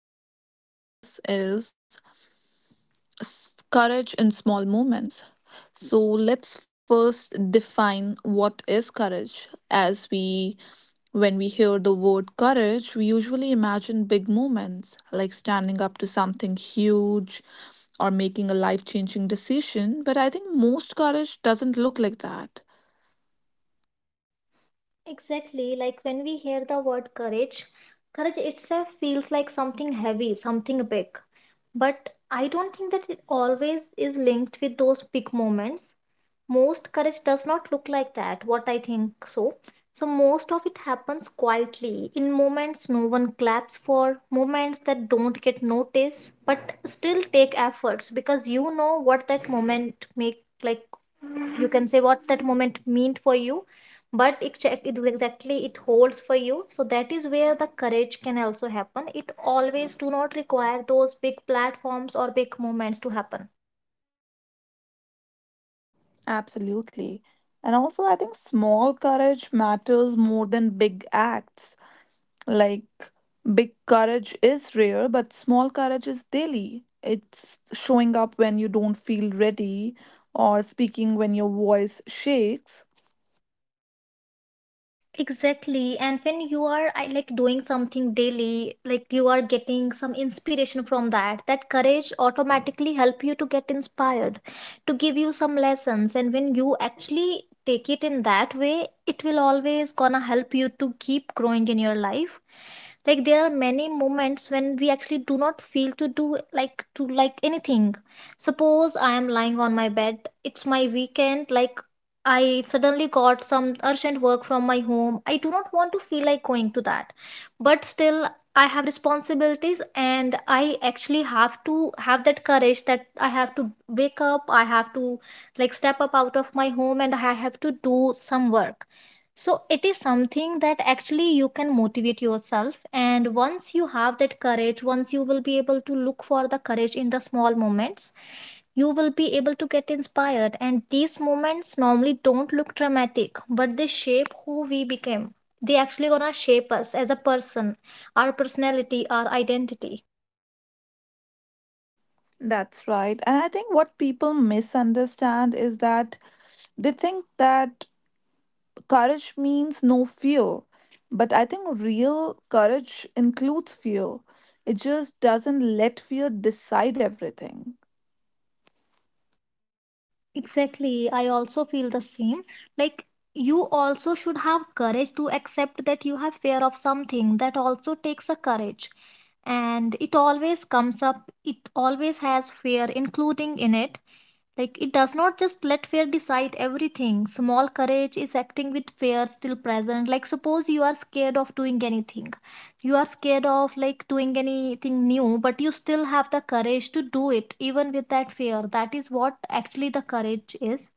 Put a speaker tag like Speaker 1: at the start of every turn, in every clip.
Speaker 1: topic we're going to discuss is courage in small moments. So, let's first define what is courage. When we hear the word courage, we usually imagine big moments like standing up to something huge or making a life changing decision. But I think most courage doesn't look like that.
Speaker 2: Exactly, like when we hear the word courage, courage itself feels like something heavy, something big. But I don't think that it always is linked with those big moments. Most courage does not look like that, what I think. So so most of it happens quietly in moments no one claps for, moments that don't get noticed but still take efforts, because you know what that moment make. Like, you can say what that moment meant for you, but it exactly it holds for you. So that is where the courage can also happen. It always do not require those big platforms or big moments to happen.
Speaker 1: Absolutely. And also, I think small courage matters more than big acts. Like, big courage is rare, but small courage is daily. It's showing up when you don't feel ready or speaking when your voice shakes.
Speaker 2: Exactly. And when you are, I like doing something daily, like you are getting some inspiration from that, that courage automatically help you to get inspired, to give you some lessons. And when you actually take it in that way, it will always gonna help you to keep growing in your life. Like, there are many moments when we actually do not feel to do, like to like anything. Suppose I am lying on my bed, it's my weekend, like I suddenly got some urgent work from my home. I do not want to feel like going to that. But still, I have responsibilities and I actually have to have that courage that I have to wake up, I have to like step up out of my home and I have to do some work. So it is something that actually you can motivate yourself. And once you have that courage, once you will be able to look for the courage in the small moments, you will be able to get inspired, and these moments normally don't look dramatic, but they shape who we became. They actually gonna shape us as a person, our personality, our identity.
Speaker 1: That's right. And I think what people misunderstand is that they think that courage means no fear. But I think real courage includes fear. It just doesn't let fear decide everything.
Speaker 2: Exactly, I also feel the same. Like, you also should have courage to accept that you have fear of something. That also takes a courage, and it always comes up, it always has fear including in it. Like, it does not just let fear decide everything. Small courage is acting with fear still present. Like, suppose you are scared of doing anything. You are scared of like doing anything new, but you still have the courage to do it, even with that fear. That is what actually the courage is.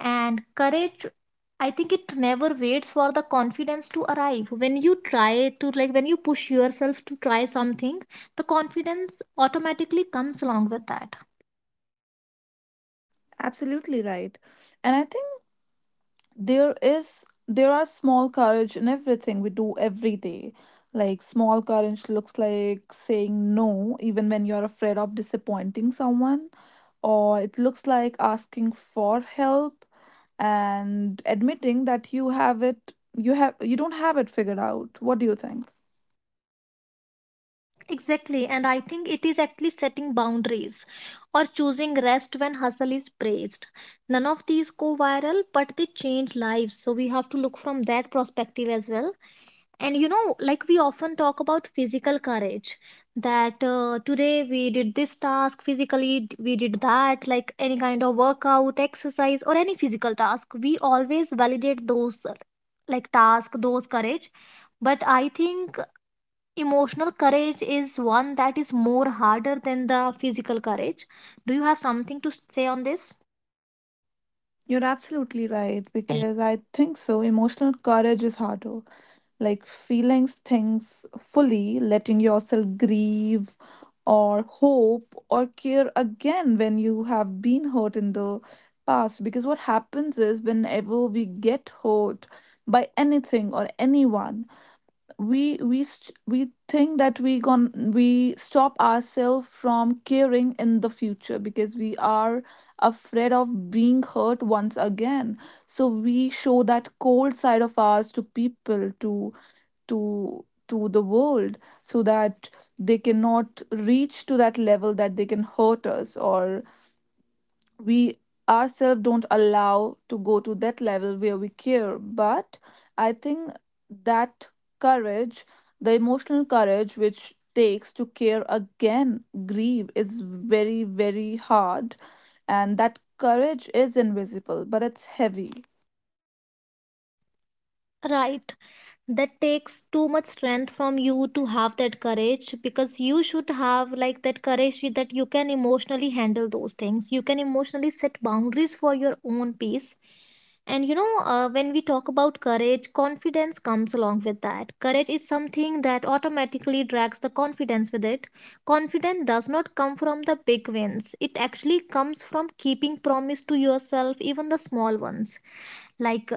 Speaker 2: And courage, I think it never waits for the confidence to arrive. When you try to, like, when you push yourself to try something, the confidence automatically comes along with that.
Speaker 1: Absolutely right. And I think there are small courage in everything we do every day. Like, small courage looks like saying no even when you're afraid of disappointing someone, or it looks like asking for help and admitting that you don't have it figured out. What do you think?
Speaker 2: Exactly, and I think it is actually setting boundaries or choosing rest when hustle is praised. None of these go viral, but they change lives. So we have to look from that perspective as well. And you know, like we often talk about physical courage, that today we did this task physically, we did that, like any kind of workout, exercise, or any physical task. We always validate those like task, those courage. But I think emotional courage is one that is more harder than the physical courage. Do you have something to say on this?
Speaker 1: You're absolutely right, because I think so emotional courage is harder, like feelings things fully, letting yourself grieve or hope or care again when you have been hurt in the past. Because what happens is whenever we get hurt by anything or anyone, we think that we stop ourselves from caring in the future because we are afraid of being hurt once again. So we show that cold side of ours to people, to the world, so that they cannot reach to that level that they can hurt us, or we ourselves don't allow to go to that level where we care. But I think that courage, the emotional courage which takes to care again, grieve, is very very hard. And that courage is invisible, but it's heavy.
Speaker 2: Right. That takes too much strength from you to have that courage, because you should have like that courage that you can emotionally handle those things, you can emotionally set boundaries for your own peace. And you know, when we talk about courage, confidence comes along with that. Courage is something that automatically drags the confidence with it. Confidence does not come from the big wins, it actually comes from keeping promise to yourself, even the small ones. Like,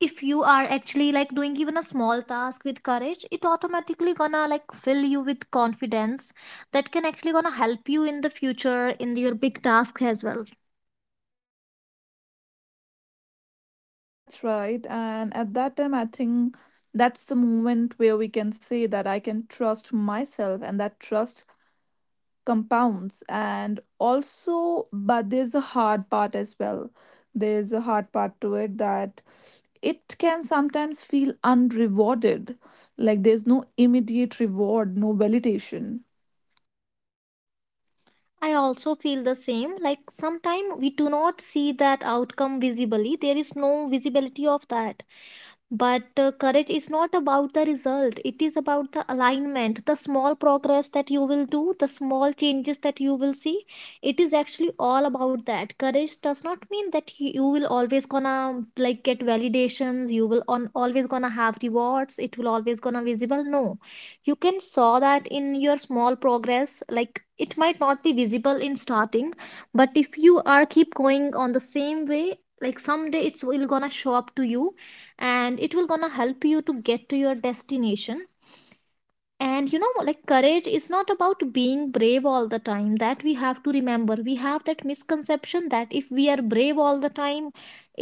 Speaker 2: if you are actually like doing even a small task with courage, it automatically gonna like fill you with confidence that can actually gonna help you in the future in your big task as well.
Speaker 1: That's right. And at that time, I think that's the moment where we can say that I can trust myself, and that trust compounds. And also, but there's a hard part as well. There's a hard part to it, that it can sometimes feel unrewarded. Like, there's no immediate reward, no validation.
Speaker 2: I also feel the same. Like, sometimes we do not see that outcome visibly, there is no visibility of that. But courage is not about the result, it is about the alignment, the small progress that you will do, the small changes that you will see. It is actually all about that. Courage does not mean that you will always gonna like get validations, you will on always gonna have rewards, it will always gonna visible. No, you can saw that in your small progress, like it might not be visible in starting, but if you are keep going on the same way, like someday it's will gonna show up to you and it will gonna help you to get to your destination. And you know, like courage is not about being brave all the time, that we have to remember. We have that misconception that if we are brave all the time,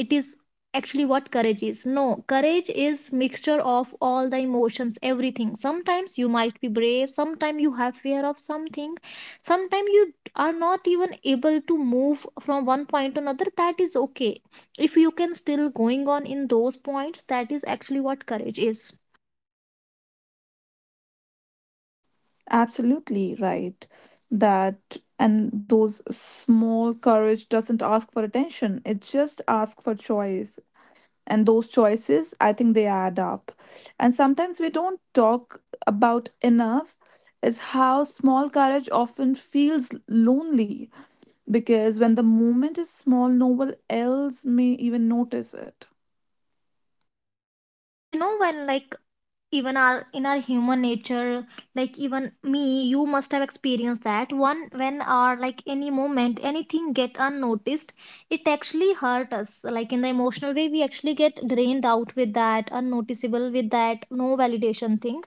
Speaker 2: it is actually what courage is. No, courage is mixture of all the emotions, everything. Sometimes you might be brave, sometimes you have fear of something, sometimes you are not even able to move from one point to another. That is okay. If you can still going on in those points, that is actually what courage is.
Speaker 1: Absolutely right. That and those small courage doesn't ask for attention, it just asks for choice. And those choices, I think, they add up. And sometimes we don't talk about enough is how small courage often feels lonely, because when the moment is small no one else may even notice it.
Speaker 2: And you know, when like even our in our human nature, like even me, you must have experienced that one, when our like any moment, anything get unnoticed, it actually hurt us like in the emotional way. We actually get drained out with that unnoticeable, with that no validation thing.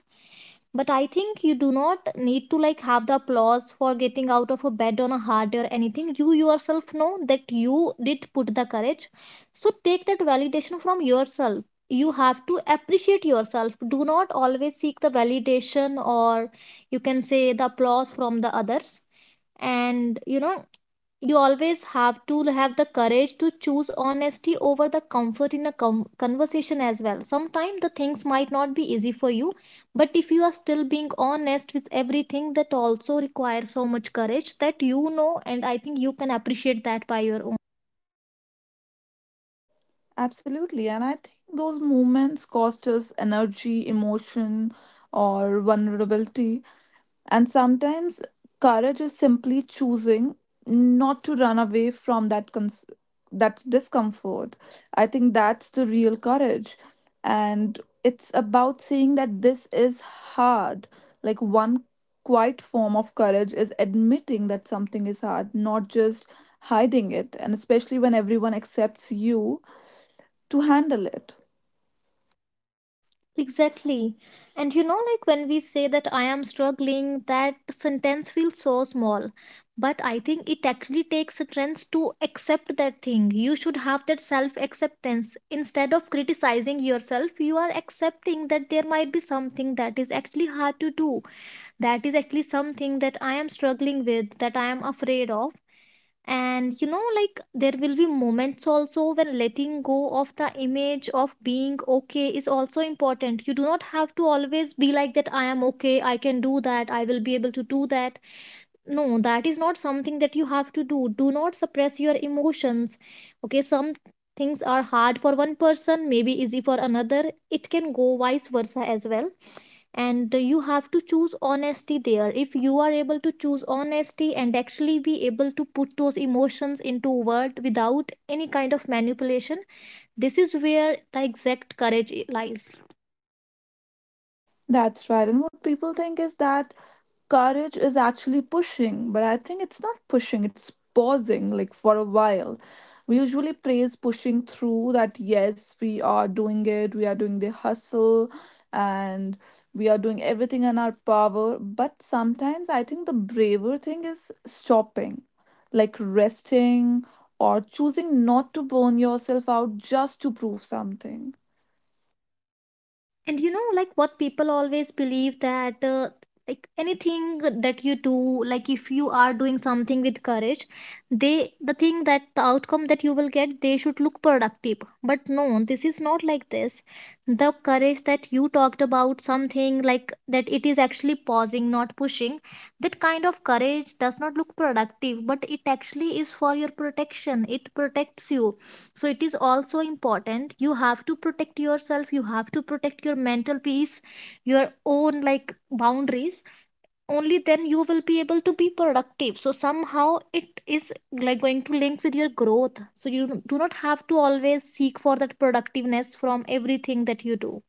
Speaker 2: But I think you do not need to like have the applause for getting out of a bed on a hard day or anything. You yourself know that you did put the courage, so take that validation from yourself. You have to appreciate yourself, do not always seek the validation, or you can say the applause from the others. And you know, you always have to have the courage to choose honesty over the comfort in a conversation as well. Sometimes the things might not be easy for you, but if you are still being honest with everything, that also requires so much courage, that you know, and I think you can appreciate that by your own.
Speaker 1: Absolutely. And I think those moments cost us energy, emotion, or vulnerability. And sometimes courage is simply choosing not to run away from that discomfort. I think that's the real courage. And it's about saying that this is hard. Like, one quiet form of courage is admitting that something is hard, not just hiding it. And especially when everyone accepts you to handle it.
Speaker 2: Exactly. And you know, like when we say that I am struggling, that sentence feels so small. But I think it actually takes strength to accept that thing. You should have that self acceptance. Instead of criticizing yourself, you are accepting that there might be something that is actually hard to do, that is actually something that I am struggling with, that I am afraid of. And you know, like there will be moments also when letting go of the image of being okay is also important. You do not have to always be like that, I am okay, I can do that, I will be able to do that. No, that is not something that you have to do. Do not suppress your emotions. Okay, some things are hard for one person, maybe easy for another. It can go vice versa as well. And you have to choose honesty there. If you are able to choose honesty and actually be able to put those emotions into word without any kind of manipulation, this is where the exact courage lies.
Speaker 1: That's right. And what people think is that courage is actually pushing, but I think it's not pushing, it's pausing like for a while. We usually praise pushing through that, yes, we are doing it, we are doing the hustle, and we are doing everything in our power. But sometimes I think the braver thing is stopping, like resting or choosing not to burn yourself out just to prove something.
Speaker 2: And you know, like what people always believe, that like anything that you do, like if you are doing something with courage, they the thing that the outcome that you will get, they should look productive. But no, this is not like this. The courage that you talked about, something like that, it is actually pausing not pushing. That kind of courage does not look productive, but it actually is for your protection, it protects you. So it is also important, you have to protect yourself, you have to protect your mental peace, your own like boundaries. Only then you will be able to be productive. So somehow it is like going to link with your growth, so you do not have to always seek for that productiveness from everything that you do.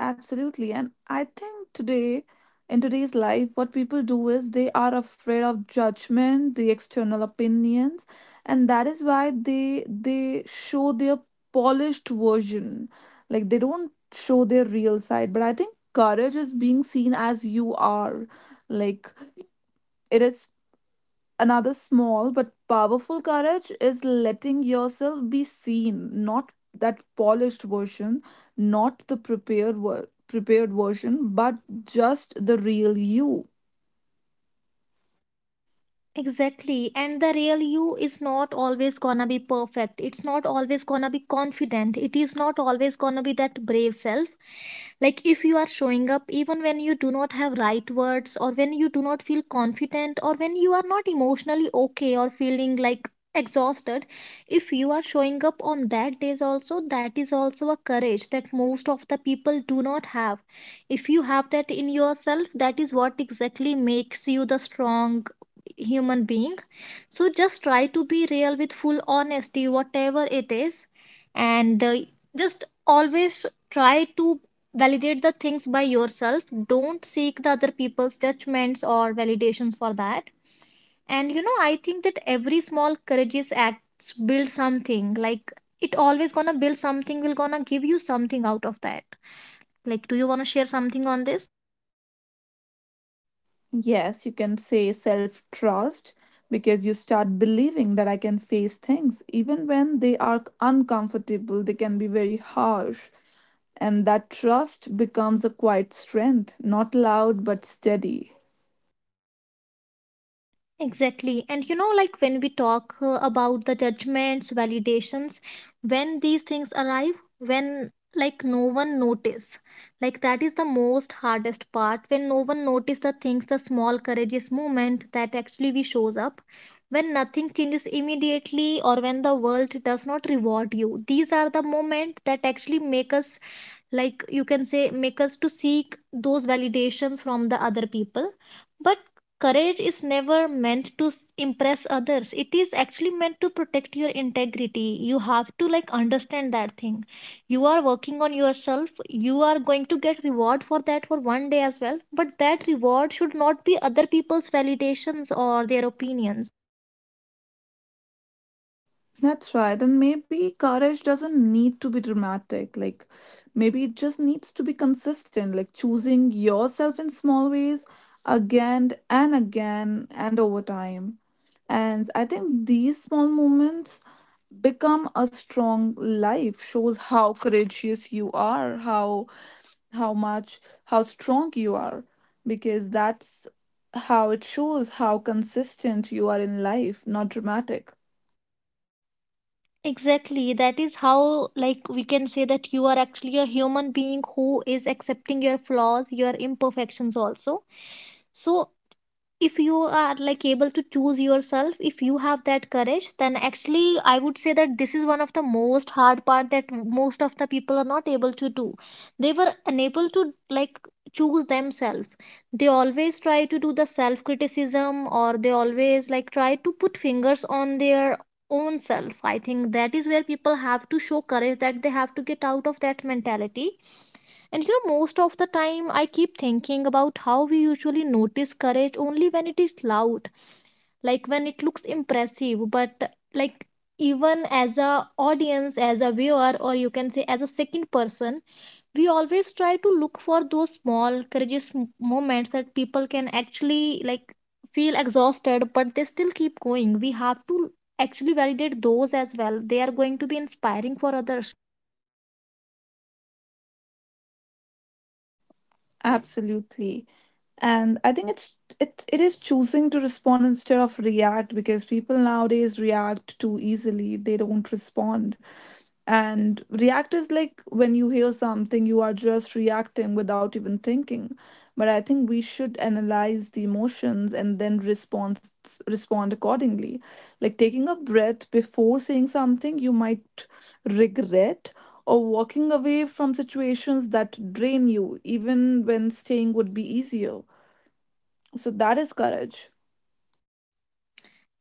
Speaker 1: Absolutely. And I think today, in today's life, what people do is they are afraid of judgment, the external opinions, and that is why they show their polished version. Like, they don't show their real side. But I think courage is being seen as you are. Like it is Another small but powerful courage is letting yourself be seen, not that polished version, not the prepared version, but just the real you.
Speaker 2: Exactly. And the real you is not always gonna be perfect. It's not always gonna be confident. It is not always gonna be that brave self. Like if you are showing up even when you do not have right words or when you do not feel confident or when you are not emotionally okay or feeling like exhausted, if you are showing up on that days also, that is also a courage that most of the people do not have. If you have that in yourself, that is what exactly makes you the strong human being. So just try to be real with full honesty whatever it is, and just always try to validate the things by yourself. Don't seek the other people's judgments or validations for that. And you know, I think that every small courageous acts build something, like it always gonna build something, will gonna give you something out of that. Like do you want to share something on this?
Speaker 1: Yes, you can say self-trust, because you start believing that I can face things even when they are uncomfortable, they can be very harsh, and that trust becomes a quiet strength, not loud but steady.
Speaker 2: Exactly. And you know, like when we talk about the judgments, validations, when these things arrive, when like no one notice, like that is the most hardest part. When no one notice the things, the small courageous moment that actually we shows up, when nothing changes immediately or when the world does not reward you, these are the moment that actually make us, like you can say make us to seek those validations from the other people. But courage is never meant to impress others, it is actually meant to protect your integrity. You have to like understand that thing. You are working on yourself, you are going to get reward for that for one day as well, but that reward should not be other people's validations or their opinions.
Speaker 1: That's right. And maybe courage doesn't need to be dramatic. Like, maybe it just needs to be consistent, like choosing yourself in small ways again and again and over time. And I think these small moments become a strong life, shows how courageous you are, how much how strong you are, because that's how it shows how consistent you are in life, not dramatic.
Speaker 2: Exactly. That is how, like, we can say that you are actually a human being who is accepting your flaws, your imperfections also. So, if you are like able to choose yourself, if you have that courage, then actually I would say that this is one of the most hard part that most of the people are not able to do. They were unable to, like, choose themselves. They always try to do the self criticism or they always like try to put fingers on their own self. I think that is where people have to show courage, that they have to get out of that mentality. And you know, most of the time, I keep thinking about how we usually notice courage only when it is loud, like when it looks impressive. But like even as a audience, as a viewer, or you can say as a second person, we always try to look for those small courageous moments that people can actually like feel exhausted, but they still keep going. We have to actually validate those as well. They are going to be inspiring for others.
Speaker 1: Absolutely. And I think it is choosing to respond instead of react, because people nowadays react too easily. They don't respond. And react is like when you hear something, you are just reacting without even thinking. But I think we should analyze the emotions and then respond accordingly. Like taking a breath before saying something you might regret, or walking away from situations that drain you, even when staying would be easier. So that is courage.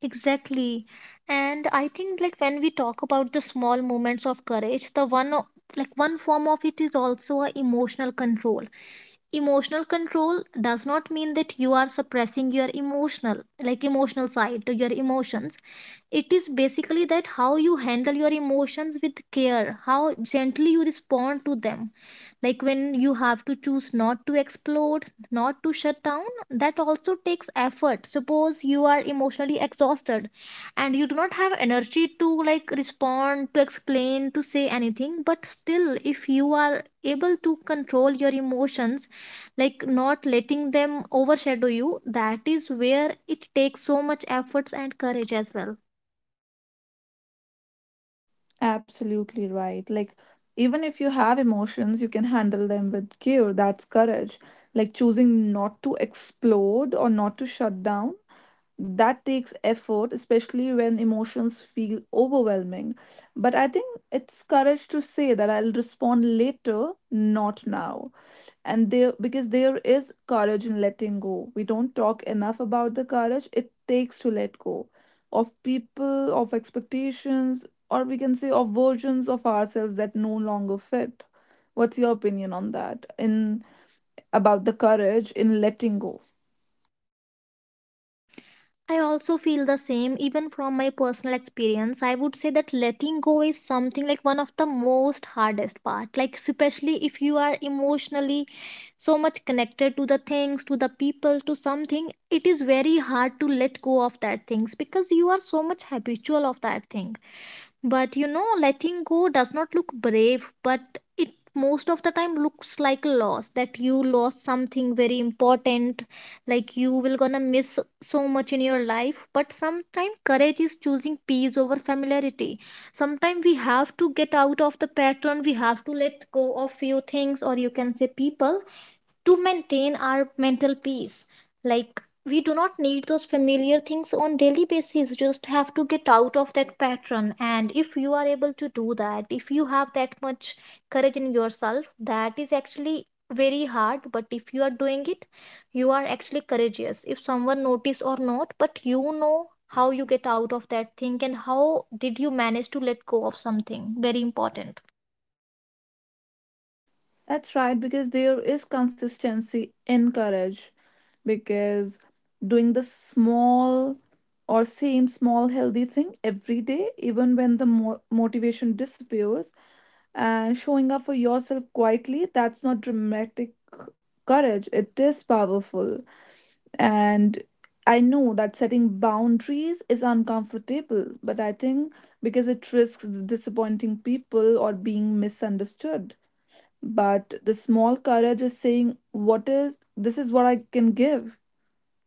Speaker 2: Exactly. And I think like when we talk about the small moments of courage, the like one form of it is also a emotional control. Emotional control does not mean that you are suppressing your emotional, like emotional side to your emotions. It is basically that how you handle your emotions with care, how gently you respond to them, like when you have to choose not to explode, not to shut down, that also takes effort. Suppose you are emotionally exhausted and you do not have energy to like respond, to explain, to say anything, but still if you are able to control your emotions, like not letting them overshadow you, that is where it takes so much efforts and courage as well.
Speaker 1: Absolutely right. Like, even if you have emotions, you can handle them with care. That's courage. Like, choosing not to explode or not to shut down. That takes effort, especially when emotions feel overwhelming. But I think it's courage to say that I'll respond later, not now. And there, because there is courage in letting go. We don't talk enough about the courage it takes to let go of people, of expectations, or we can say of versions of ourselves that no longer fit. What's your opinion on that, in about the courage in letting go?
Speaker 2: I also feel the same, even from my personal experience. I would say that letting go is something like one of the most hardest part. Like especially if you are emotionally so much connected to the things, to the people, to something, it is very hard to let go of that things because you are so much habitual of that thing. But you know, letting go does not look brave, but it most of the time looks like a loss that you lost something very important, like you will gonna miss so much in your life. But sometimes courage is choosing peace over familiarity. Sometimes we have to get out of the pattern, we have to let go of few things, or you can say people, to maintain our mental peace. Like we do not need those familiar things on daily basis, just have to get out of that pattern, and if you are able to do that, if you have that much courage in yourself, that is actually very hard, but if you are doing it, you are actually courageous if someone notice or not. But you know how you get out of that thing and how did you manage to let go of something very important.
Speaker 1: That's right, because there is consistency in courage. Because doing the small or same small healthy thing every day, even when the motivation disappears, and showing up for yourself quietly, that's not dramatic courage. It is powerful. And I know that setting boundaries is uncomfortable, but I think because it risks disappointing people or being misunderstood. But the small courage is saying, "What is this? Is what I can give,"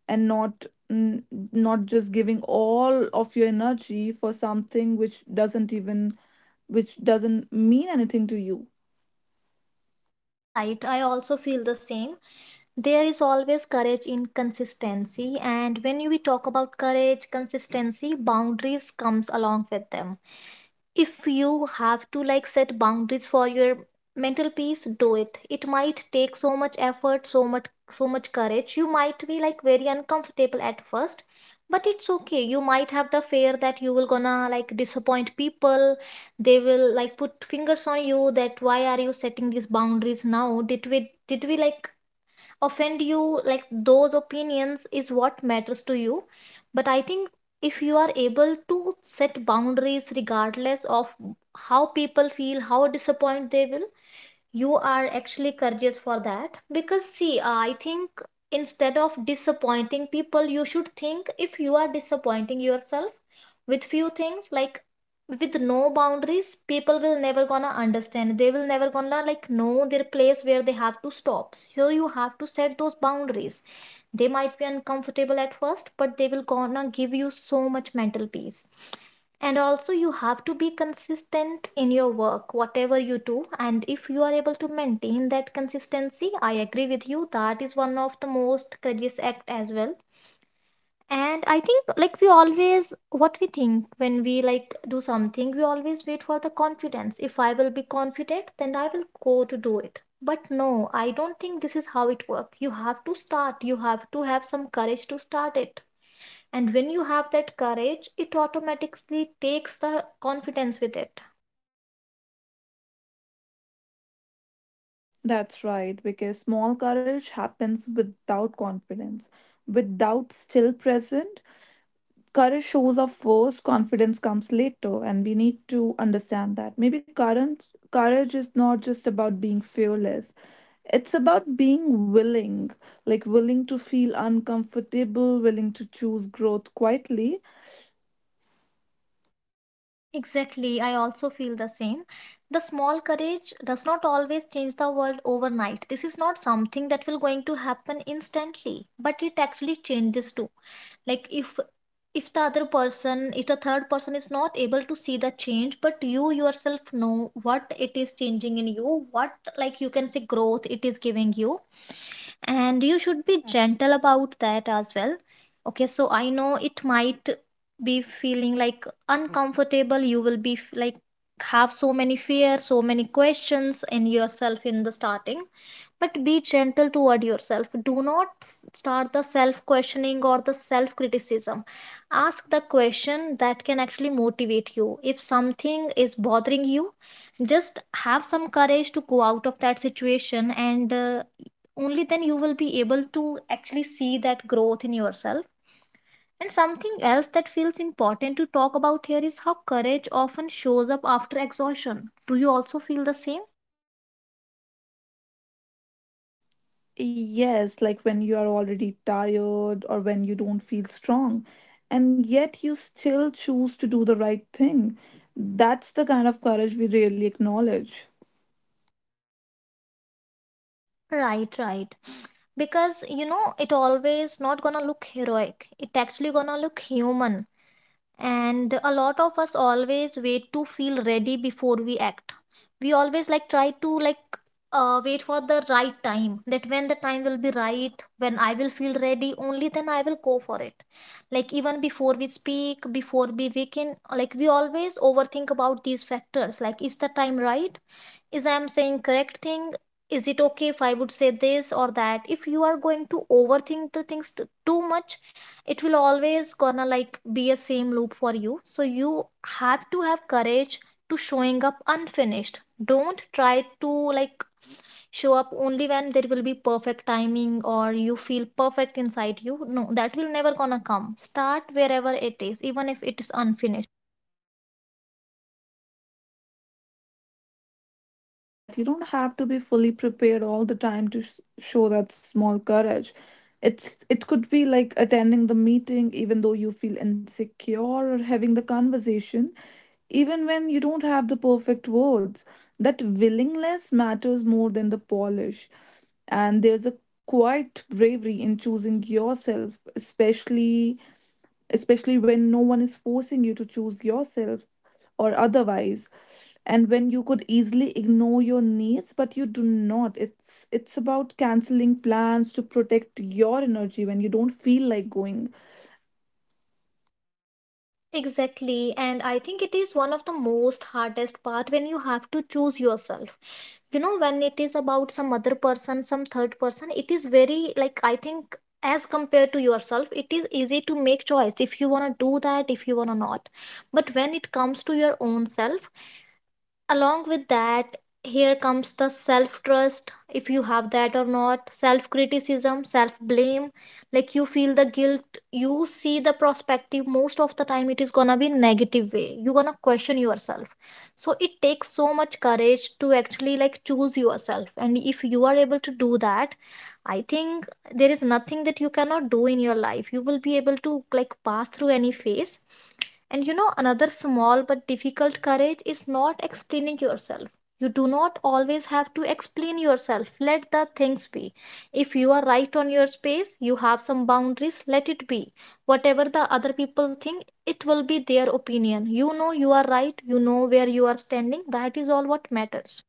Speaker 1: and n- not just giving all of your energy for something which doesn't even which doesn't mean anything to you.
Speaker 2: Right, I also feel the same. There is always courage in consistency, and when we talk about courage, consistency, boundaries comes along with them. If you have to like set boundaries for your mental peace, do it. It might take so much effort, so much so much courage. You might be like very uncomfortable at first, but it's okay. You might have the fear that you will gonna like disappoint people. They will like put fingers on you that why are you setting these boundaries now? Did we like offend you? Like those opinions is what matters to you? But I think if you are able to set boundaries regardless of how people feel, how disappointed they will, you are actually courageous for that. Because see, I think instead of disappointing people, you should think if you are disappointing yourself with few things. Like with no boundaries, people will never gonna understand, they will never gonna like know their place where they have to stop, so you have to set those boundaries. They might be uncomfortable at first, but they will gonna give you so much mental peace. And also you have to be consistent in your work whatever you do, and if you are able to maintain that consistency, I agree with you, that is one of the most courageous act as well. And I think like we always, what we think when we like do something, we always wait for the confidence. If I will be confident, then I will go to do it. But no, I don't think this is how it works. You have to start. You have to have some courage to start it. And when you have that courage, it automatically takes the confidence with it.
Speaker 1: That's right, because small courage happens without confidence, without still present. Courage shows up first, confidence comes later, and we need to understand that. Maybe current courage is not just about being fearless. It's about being willing, like willing to feel uncomfortable, willing to choose growth quietly.
Speaker 2: Exactly, I also feel the same. The small courage does not always change the world overnight. This is not something that will going to happen instantly, but it actually changes too. Like if the other person, if the third person is not able to see the change, but you yourself know what it is changing in you, what, like you can say growth it is giving you, and you should be Mm. gentle about that as well. Okay, so I know it might be feeling like uncomfortable. You will be like have so many fear, so many questions in yourself in the starting, but be gentle toward yourself. Do not start the self questioning or the self criticism. Ask the question that can actually motivate you. If something is bothering you, just have some courage to go out of that situation, and only then you will be able to actually see that growth in yourself. And something else that feels important to talk about here is how courage often shows up after exhaustion. Do you also feel the same?
Speaker 1: Yes, like when you are already tired or when you don't feel strong, and yet you still choose to do the right thing, that's the kind of courage we really acknowledge.
Speaker 2: Right, right. Because you know, it always not gonna look heroic, it actually gonna look human. And a lot of us always wait to feel ready before we act. We always like try to like wait for the right time, that when the time will be right, when I will feel ready, only then I will go for it. Like even before we speak, before we can, like we always overthink about these factors, like is the time right, is I'm saying correct thing, is it okay if I would say this or that? If you are going to overthink the things too much, it will always gonna like be a same loop for you. So you have to have courage to showing up unfinished. Don't try to like show up only when there will be perfect timing or you feel perfect inside you. No, that will never gonna come. Start wherever it is, even if it is unfinished.
Speaker 1: Absolutely, that you don't have to be fully prepared all the time to s show that small courage. It's it could be like attending the meeting even though you feel insecure, or having the conversation even when you don't have the perfect words. That willingness matters more than the polish. And there's a quiet bravery in choosing yourself, especially when no one is forcing you to choose yourself or otherwise, and when you could easily ignore your needs but you do not. It's about canceling plans to protect your energy when you don't feel like going.
Speaker 2: Exactly, and I think it is one of the most hardest part when you have to choose yourself. You know, when it is about some other person, some third person, it is very like, I think as compared to yourself, it is easy to make choice if you wanna do that, if you wanna not. But when it comes to your own self, along with that, here comes the self trust. If you have that or not, self criticism, self blame, like you feel the guilt, you see the perspective most of the time it is gonna be negative way, you're gonna question yourself. So it takes so much courage to actually like choose yourself, and if you are able to do that, I think there is nothing that you cannot do in your life. You will be able to like pass through any phase. And you know, another small but difficult courage is not explaining yourself. You do not always have to explain yourself. Let the things be. If you are right on your space, you have some boundaries, let it be. Whatever the other people think, it will be their opinion. You know you are right, you know where you are standing. That is all what matters.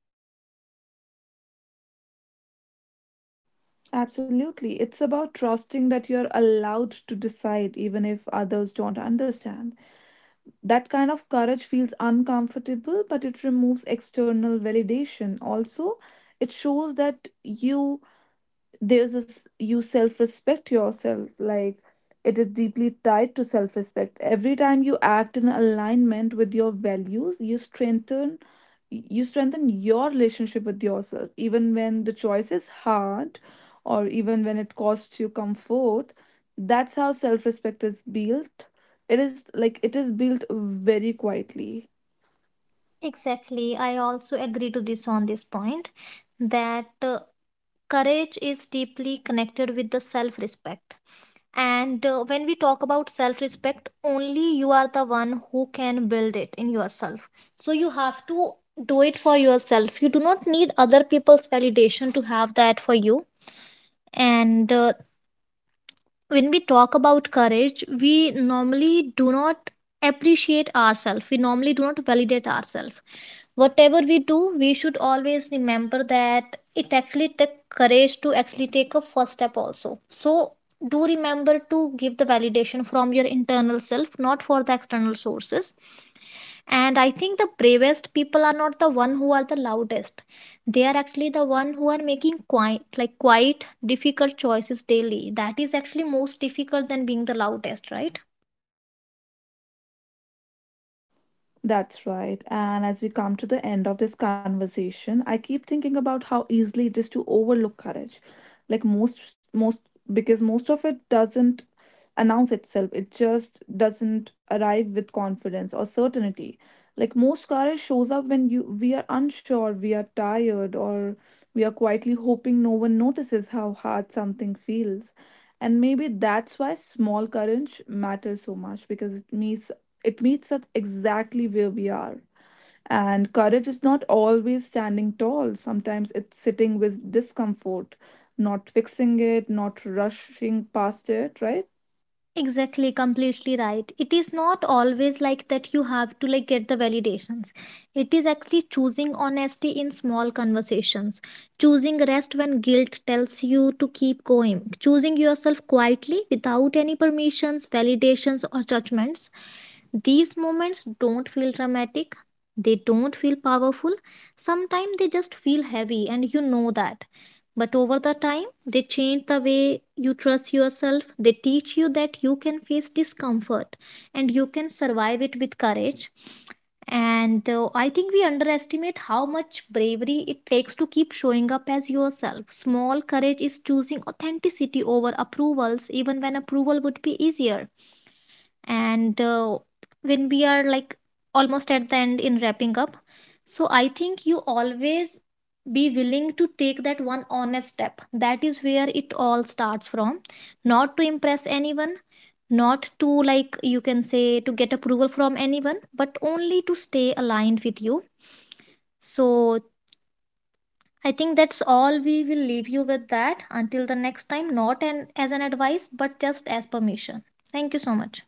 Speaker 1: Absolutely, it's about trusting that you're allowed to decide even if others don't understand. That kind of courage feels uncomfortable, but it removes external validation also. It shows that you there's this you self respect yourself. Like, it is deeply tied to self respect. Every time you act in alignment with your values, you strengthen your relationship with yourself, even when the choice is hard, or even when it costs you comfort. That's how self respect is built. It is like it is built very quietly.
Speaker 2: Exactly. I also agree to this on this point that courage is deeply connected with the self respect. And when we talk about self respect, only you are the one who can build it in yourself, so you have to do it for yourself. You do not need other people's validation to have that for you. And when we talk about courage, we normally do not appreciate ourselves, we normally do not validate ourselves. Whatever we do, we should always remember that it actually takes courage to actually take a first step also. So do remember to give the validation from your internal self, not for the external sources. And I think the bravest people are not the one who are the loudest. They are actually the one who are making quite, like quite difficult choices daily. That is actually most difficult than being the loudest, right?
Speaker 1: That's right. And as we come to the end of this conversation, I keep thinking about how easily it is to overlook courage. Like most, because most of it doesn't announce itself, it just doesn't arrive with confidence or certainty. Like most courage shows up when you we are unsure, we are tired, or we are quietly hoping no one notices how hard something feels. And maybe that's why small courage matters so much, because it meets us exactly where we are. And courage is not always standing tall. Sometimes it's sitting with discomfort, not fixing it, not rushing past it, right?
Speaker 2: Exactly, completely right. It is not always like that you have to like get the validations. It is actually choosing honesty in small conversations, choosing rest when guilt tells you to keep going, choosing yourself quietly without any permissions, validations or judgments. These moments don't feel dramatic. They don't feel powerful. Sometimes they just feel heavy and you know that. But over the time, they change the way you trust yourself. They teach you that you can face discomfort and you can survive it with courage. And I think we underestimate how much bravery it takes to keep showing up as yourself. Small courage is choosing authenticity over approvals, even when approval would be easier, and when we are like almost at the end in wrapping up. So I think you always be willing to take that one honest step. That is where it all starts from, not to impress anyone, not to like you can say to get approval from anyone, but only to stay aligned with you. So I think that's all. We will leave you with that until the next time, not an as an advice but just as permission. Thank you so much.